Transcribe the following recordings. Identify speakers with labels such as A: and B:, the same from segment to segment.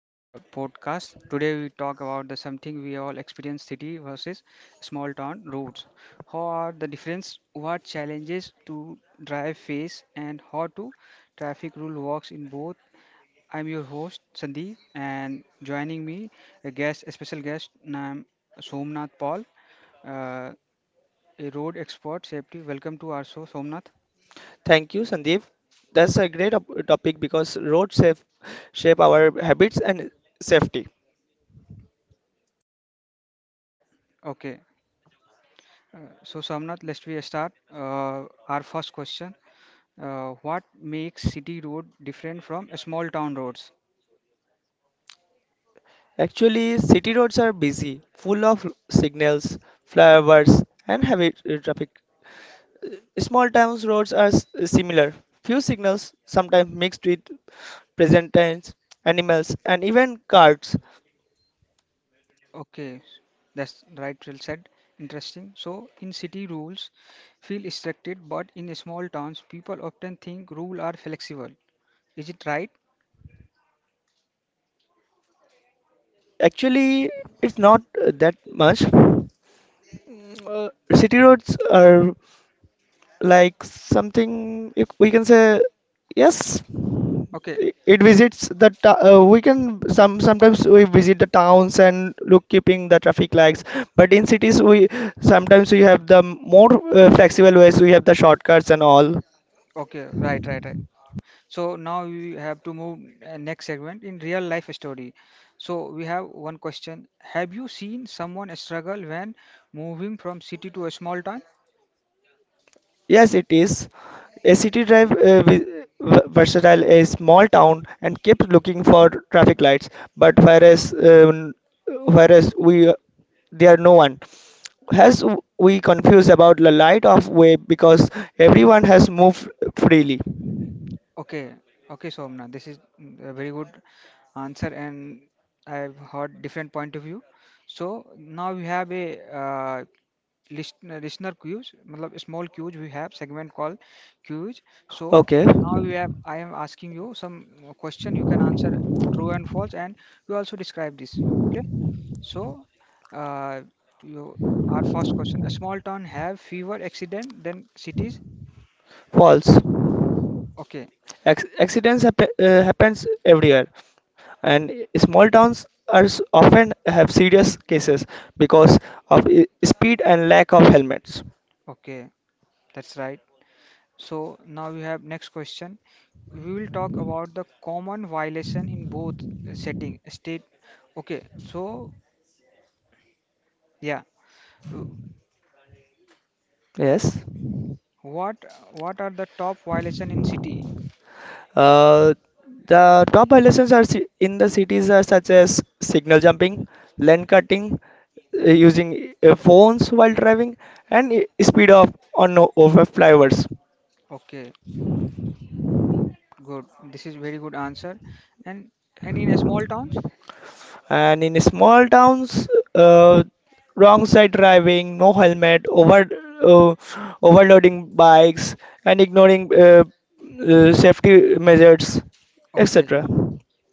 A: podcast. Today we talk about the something we all experience city versus small town roads. How are the difference? What challenges to drive face and how to traffic rule works in both. I'm your host Sandeep and joining me a guest, a special guest named Somnath Paul, uh, a road expert safety. Welcome to our show, Somnath.
B: Thank you, Sandeep. That's a great topic because roads shape our habits and safety.
A: Okay, so Somnath, let's we start our first question. What makes city road different from small town roads?
B: Actually, city roads are busy, full of signals, flyovers, and heavy traffic. Small towns roads are similar. Few signals, sometimes mixed with present tense, animals, and even carts.
A: Okay, that's right, well said. Interesting. So, in city rules feel restricted, but in small towns, people often think rule are flexible. Is it right?
B: Actually, it's not that much. Uh, City roads are like something we can say yes.
A: Okay,
B: it visits the t- We can sometimes we visit the towns and look keeping the traffic lights, but in cities we sometimes we have the more flexible ways. We have the shortcuts and all.
A: okay, right, right, right. So now we have to move next segment in real life story. So we have one question. Have you seen someone struggle when moving from city to a small town?
B: Yes, it is. A city drive, versatile a small town, and keeps looking for traffic lights, but whereas we, there are no one has. We confused about the light of way because everyone has moved freely.
A: Okay, okay, Somna, this is a very good answer, and I've heard different point of view. So now we have a listener cues, मतलब small cues. We have segment called cues. So
B: Okay.
A: now we have I am asking you some question. You can answer true and false, and you also describe this. Okay. So uh, you our first question: a small town have fewer accident than cities.
B: False.
A: Okay,
B: Accidents happens everywhere, and small towns are often have serious cases because of speed and lack of helmets.
A: okay, that's right. So now we have next question. We will talk about the common violation in both setting state. Okay, so yeah, uh,
B: Yes.
A: what what are the top violation in city?
B: Uh, the top violations in the cities are such as signal jumping, lane cutting, using phones while driving, and speed of on over flyovers.
A: Okay, good. This is very good answer. And and in a small towns?
B: And in small towns, uh, wrong side driving, no helmet, uh, overloading bikes, and ignoring safety measures,
A: Okay,
B: etc.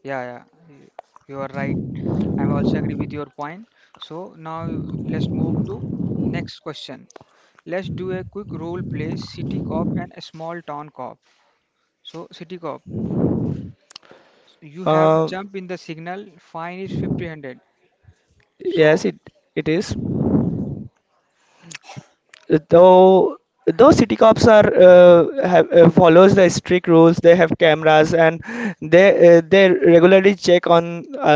A: yeah, yeah, you are right. I'm also agree with your point. So now let's move to next question. Let's do a quick role play, city cop and a small town cop. So City Cop, you have
B: Um
A: jump in the signal, fine is 50 hundred.
B: yes,
A: So
B: it is. though though city cops are follows the strict rules. They have cameras, and they regularly check on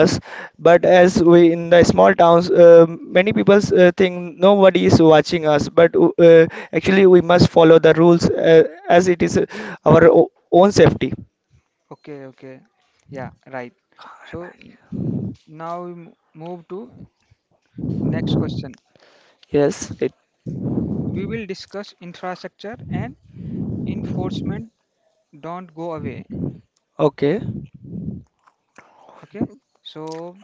B: us, but as we in the small towns, many people think nobody is watching us, but actually we must follow the rules, as it is our own safety.
A: okay, okay. Yeah, right. So now move to next question.
B: Yes it
A: We will discuss infrastructure and enforcement, don't go away.
B: Okay.
A: Okay. So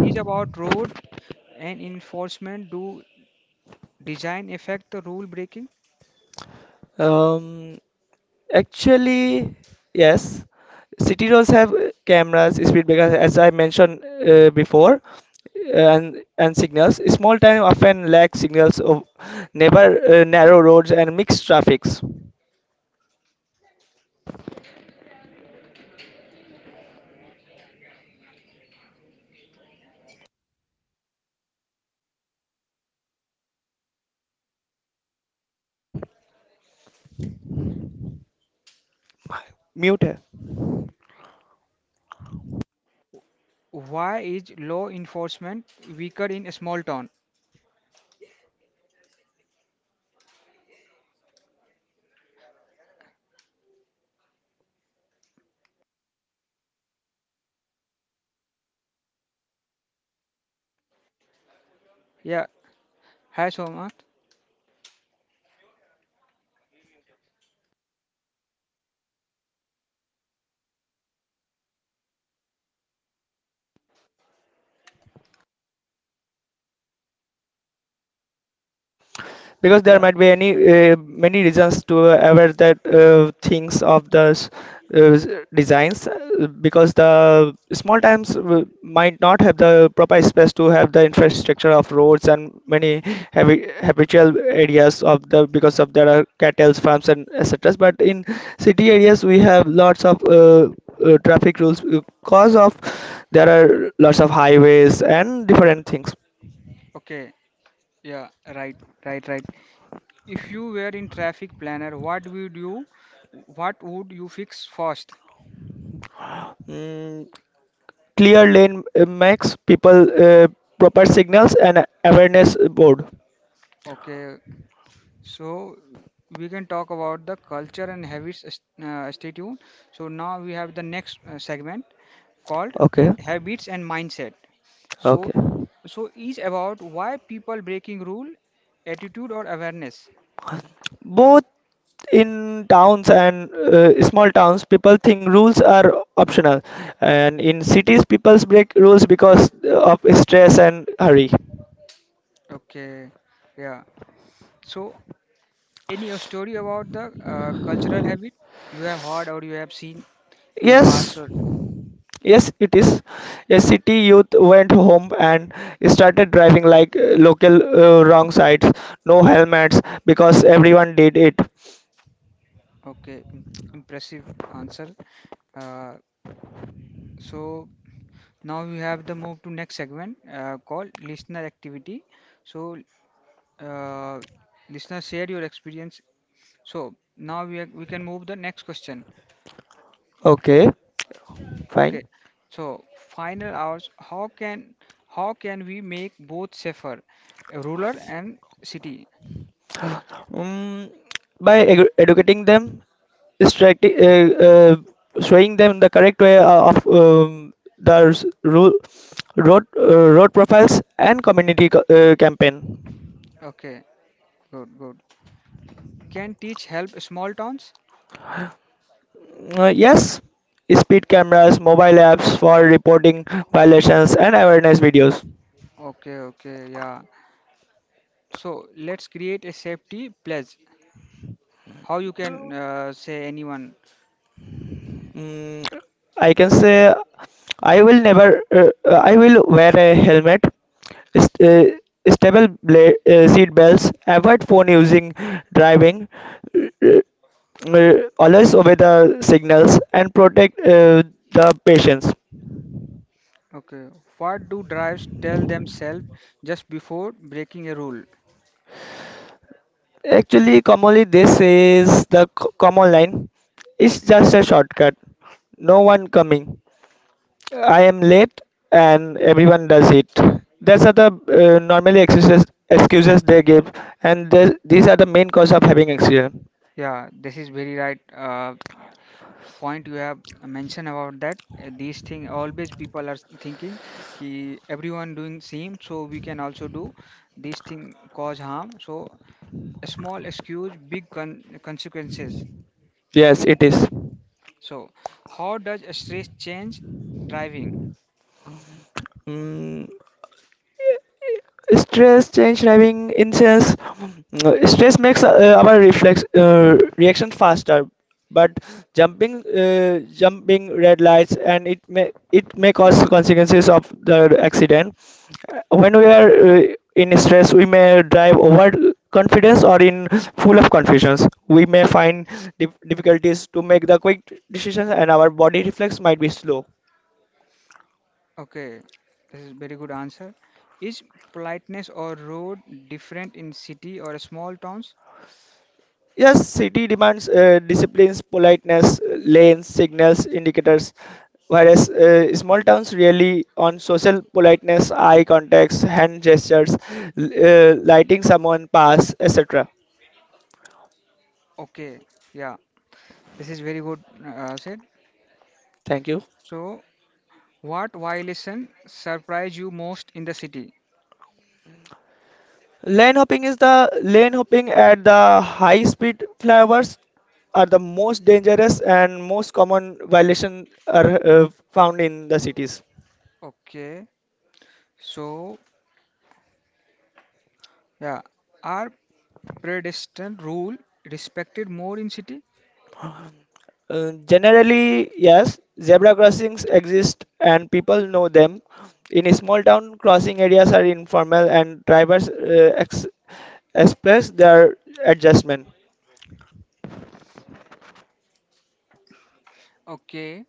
A: is about road and enforcement do design affect the rule breaking?
B: um Actually, yes. City roads have cameras, speed breakers, as I mentioned before, and signals. Small town often lack signals of neighbor, narrow roads and mixed traffics. Mute.
A: Why is law enforcement weaker in a small town? Yeah. Hi, Somat.
B: Because there
A: Yeah.
B: might be any, many reasons to aware that things of uh, s- designs, because the small towns might not have the proper space to have the infrastructure of roads and many habitual areas of the, because of there are cattle farms and etc. But in city areas we have lots of traffic rules, because of there are lots of highways and different things.
A: Okay. Yeah, right, right, right. If you were in traffic planner, what would you fix first?
B: Mm, clear lane makes people, proper signals and awareness board.
A: Okay, so we can talk about the culture and habits. Stay tuned. So now we have the next segment called
B: Okay,
A: habits and mindset. So,
B: okay.
A: so is about why people breaking rule, attitude or awareness.
B: Both in towns and, small towns people think rules are optional, and in cities people break rules because of stress and hurry.
A: Okay, yeah. So any story about the cultural habit you have heard or you have seen? In past
B: Yes.
A: or
B: Yes, it is. A city youth went home and started driving like local, wrong sides, no helmets because everyone did it.
A: okay, impressive answer. Uh, so now we have the move to next segment called listener activity. So uh, listener share your experience. So now we are, we can move the next question.
B: Okay.
A: Okay.
B: Fine.
A: So final hours. How can we make both safer, rural and city?
B: Um, by educating them strictly, showing them the correct way of, road, road profiles, and community campaign.
A: Okay. Good. Good. Can teach help small towns?
B: Yes, speed cameras, mobile apps for reporting violations, and awareness videos.
A: Okay. Okay. Yeah. So let's create a safety pledge. How you can say anyone?
B: Mm, I can say I will never. I will wear a helmet. St- uh, Stable seat belts. Avoid phone using driving. Uh, uh, Always obey the signals and protect, the patients.
A: Okay. What do drives tell themselves just before breaking a rule?
B: Actually, commonly this is the common line. It's just a shortcut. No one coming. I am late and everyone does it. That's are the normally excuses they give, and these are the main cause of having accident.
A: Yeah, this is very right point you have mentioned about that. These thing always people are thinking कि everyone doing same, so we can also do these thing cause harm. So a small excuse, big con consequences. You
B: Yes,
A: agree
B: it
A: that?
B: is.
A: So how does stress change driving?
B: Mm, stress change having incense. Mm, stress makes our reflex reaction faster, but jumping red lights, and it may cause consequences of the accident. When we are in stress, we may drive over confidence, or in full of confusions we may find difficulties to make the quick decisions, and our body reflex might be slow.
A: Okay, this is very good answer. Is politeness or road different in city or small towns?
B: Yes, city demands disciplines, politeness, lanes, signals, indicators, whereas small towns rely on social politeness, eye contacts, hand gestures, lighting someone pass, etc.
A: Okay, yeah, this is very good said.
B: Thank you.
A: So, what violation surprise you most in the city?
B: Lane hopping is the lane hopping at the high speed flyovers are the most dangerous, and most common violation are found in the cities.
A: Okay, so yeah, are pedestrian rule respected more in city?
B: Generally, yes, zebra crossings exist and people know them. In small town, crossing areas are informal and drivers express their adjustment.
A: Okay,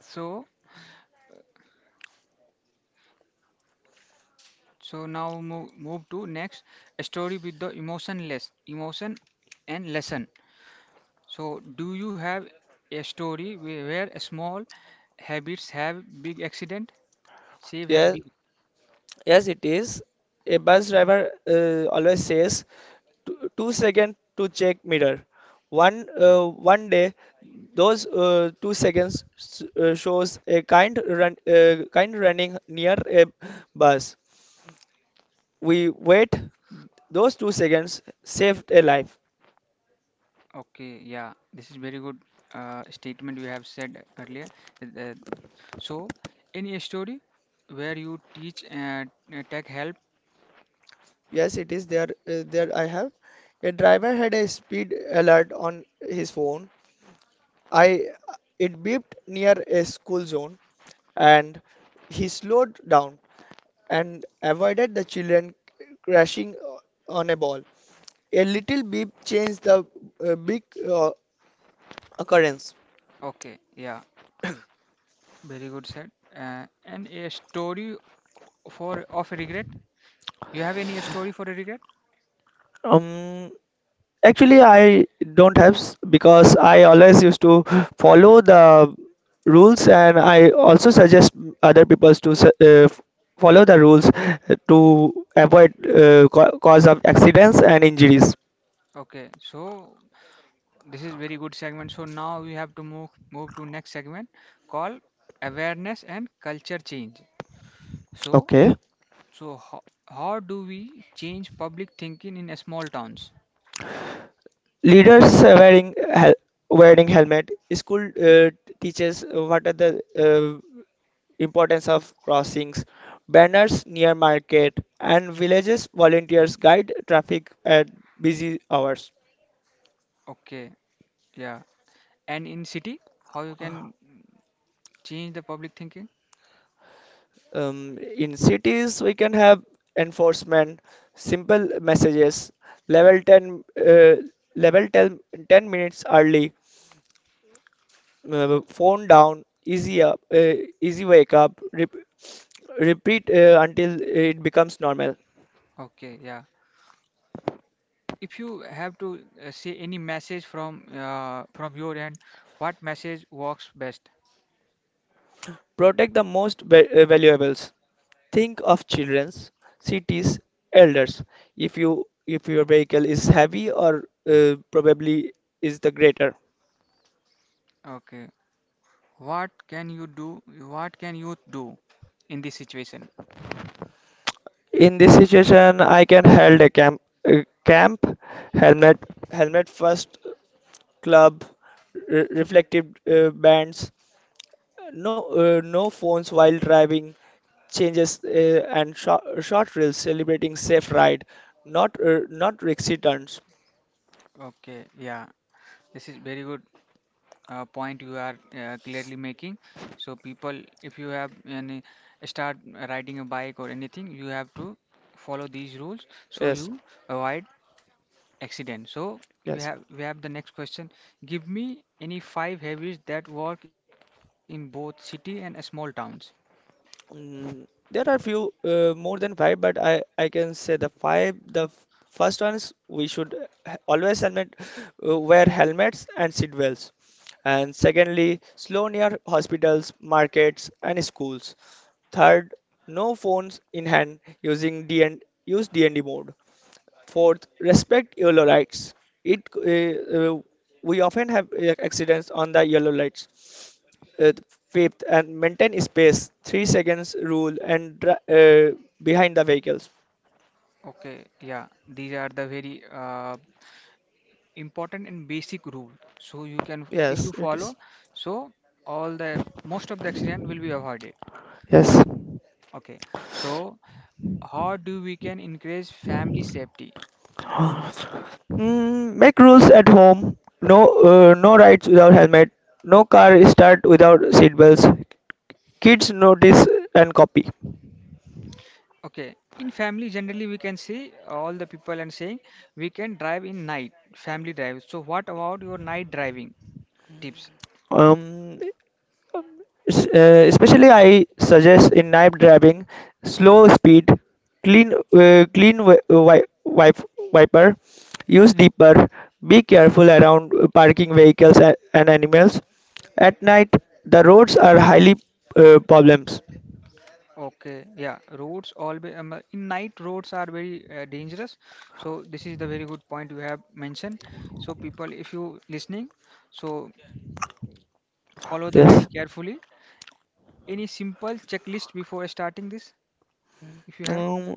A: so so now move, move to next a story with the emotion less emotion and lesson. So, do you have a story where small habits have big accident? Save have
B: Yes,
A: big.
B: yes, it is. A bus driver always says two, 2 seconds to check mirror. One one day, those 2 seconds shows a kind running near a bus. We wait, those 2 seconds saved a life.
A: Okay, yeah, this is very good statement you have said earlier. Uh, uh, so, any story where you teach tech help?
B: Yes, it is there. I have a driver had a speed alert on his phone. I It beeped near a school zone, and he slowed down and avoided the children crashing on a ball. A little beep changed the big uh, occurrence.
A: Okay, yeah, very good said. And a story for of regret? You have any story for a regret?
B: um Actually, I don't have, because I always used to follow the rules, and I also suggest other people to follow the rules, to avoid cause of accidents and injuries.
A: Okay, so this is very good segment. So now we have to move to next segment called awareness and culture change. So
B: Okay.
A: so how do we change public thinking in a small towns?
B: Leaders wearing hel- wearing helmet. School teaches what are the uh, importance of crossings. Banners near market and villages, volunteers guide traffic at busy hours.
A: Okay, yeah. And in city, how you can change the public thinking?
B: In cities, we can have enforcement, simple messages, level 10, level 10, 10 minutes early, phone down, easy up, easy wake up, repeat until it becomes normal.
A: Okay, yeah. If you have to say any message from your end, what message works best?
B: Protect the most valuables. Think of children's, cities, elders. If your vehicle is heavy or probably is the greater.
A: Okay. What can you do in this situation?
B: In this situation, I can held a camp, uh, camp helmet, helmet first, club, reflective bands, no phones while driving, changes, and short reels celebrating safe ride, not risky turns.
A: Okay, yeah. This is very good point you are clearly making. So people, if you have any start riding a bike or anything, you have to follow these rules so
B: Yes,
A: you avoid accident. So
B: yes.
A: we have the next question. Give me any five habits that work in both city and small towns.
B: Mm, there are few more than five, but I can say the five. The first ones we should always helmet, wear helmets and seat belts. And secondly, slow near hospitals, markets, and schools. Third, no phones in hand using D, and use D&D mode. Fourth, respect yellow lights. It We often have accidents on the yellow lights, uh, fifth, and maintain space, 3 seconds rule and uh, behind the vehicles.
A: Okay, yeah, these are the very important and basic rule. So you can, if you
B: Yes, it is.
A: follow, so all the most of the accident will be avoided.
B: Yes.
A: Okay, so how do we can increase family safety.
B: Mm, make rules at home. No, no rides without helmet. No car start without seatbelts. Kids notice and copy.
A: Okay, in family generally we can see all the people and saying we can drive in night family drive, so what about your night driving tips?
B: Um, Especially I suggest in night driving, slow speed, clean wiper, use deeper, be careful around parking vehicles and animals. At night, the roads are highly problems.
A: Okay, yeah, roads always in night roads are very dangerous, so this is the very good point you have mentioned. So people, if you listening, so follow the very
B: Yes.
A: carefully any simple checklist before starting this if you have.
B: Um,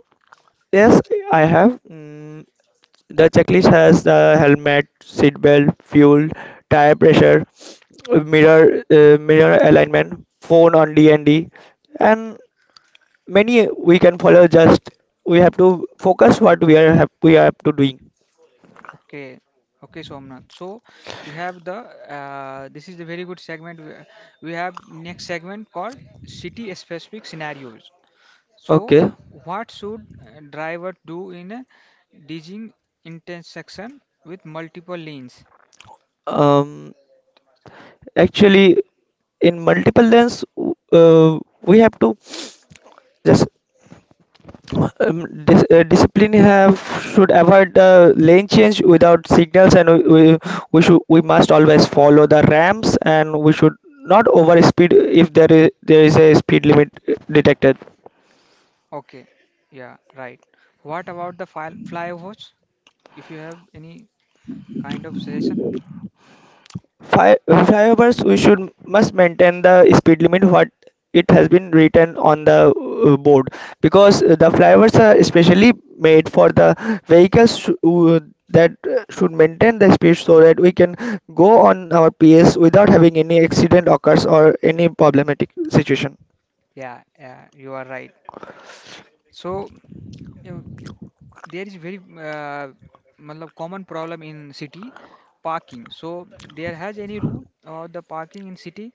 B: yes, I have. Mm, the checklist has the helmet, seat belt, fuel, tire pressure, mirror, mirror alignment, phone on D and D, and many we can follow. Just we have to focus what we are have, we have to doing.
A: Okay, okay, Somnath. So we have the this is the very good segment. We have next segment called city specific scenarios. So
B: Okay.
A: what should a driver do in a dizzying intersection with multiple lanes?
B: um Actually, in multiple lens, we have to just, discipline have, should avoid the lane change without signals, and we must always follow the ramps, and we should not over speed if there is a speed limit detected.
A: Okay, yeah, right. What about the flyovers? If you have any kind of suggestion?
B: 5 hours we should must maintain the speed limit what it has been written on the board, because the flyovers are especially made for the vehicles that should maintain the speed, so that we can go on our PS without having any accident occurs or any problematic situation.
A: Yeah, yeah, you are right. So uh, there is very matlab common problem in city parking, so there has any rule or the parking in city?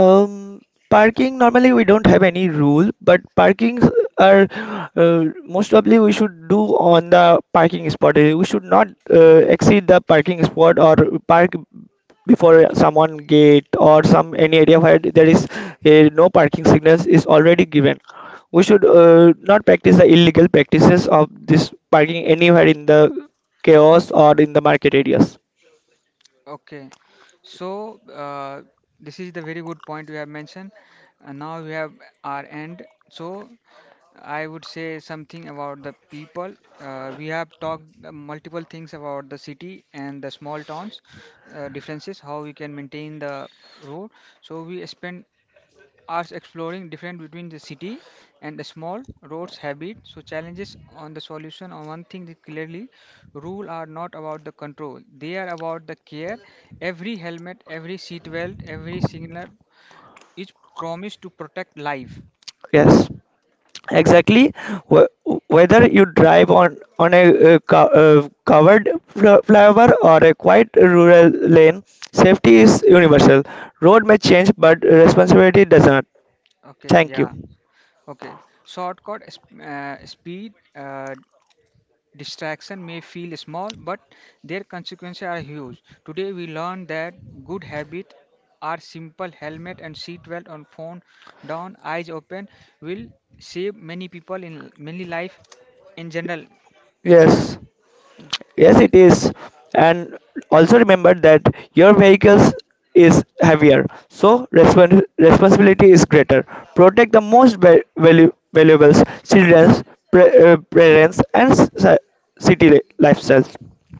B: Um, Parking, normally we don't have any rule, but parkings are most probably we should do on the parking spot. We should not exceed the parking spot or park before someone gate or some any area where there is no parking signals is already given. We should not practice the illegal practices of this parking anywhere in the chaos or in the market areas.
A: Okay, so this is the very good point you have mentioned, and now we have our end. So I would say something about the people. We have talked multiple things about the city and the small towns, differences how we can maintain the road. So we spend are exploring different between the city and the small roads habit, so challenges on the solution, on one thing that clearly rule are not about the control, they are about the care. Every helmet, every seat belt, every signal is promised to protect life.
B: Yes. Exactly, wh- whether you drive on a covered flyover or a quiet rural lane, safety is universal. Road may change, but responsibility does not.
A: Okay,
B: Thank you.
A: yeah. Okay, speed distraction may feel small, but their consequences are huge. Today, we learn that good habits are simple: helmet and seatbelt on, phone down, eyes open, will save many people in many life in general.
B: Yes, yes,
A: Okay,
B: it is. And also remember that your vehicles is heavier, so responsibility is greater. Protect the most valuables, children, parents, and city lifestyles.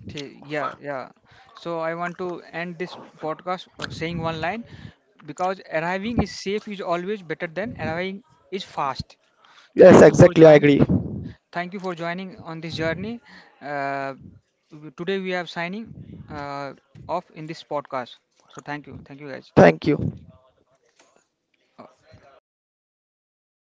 A: yeah, yeah. So I want to end this podcast saying one line, because arriving is safe is always better than arriving is fast.
B: Yes,
A: Thank you for
B: exactly. I
A: joining.
B: agree.
A: Thank you for joining on this journey. Uh, Today we are signing uh, off in this podcast. So thank you guys.
B: Thank you.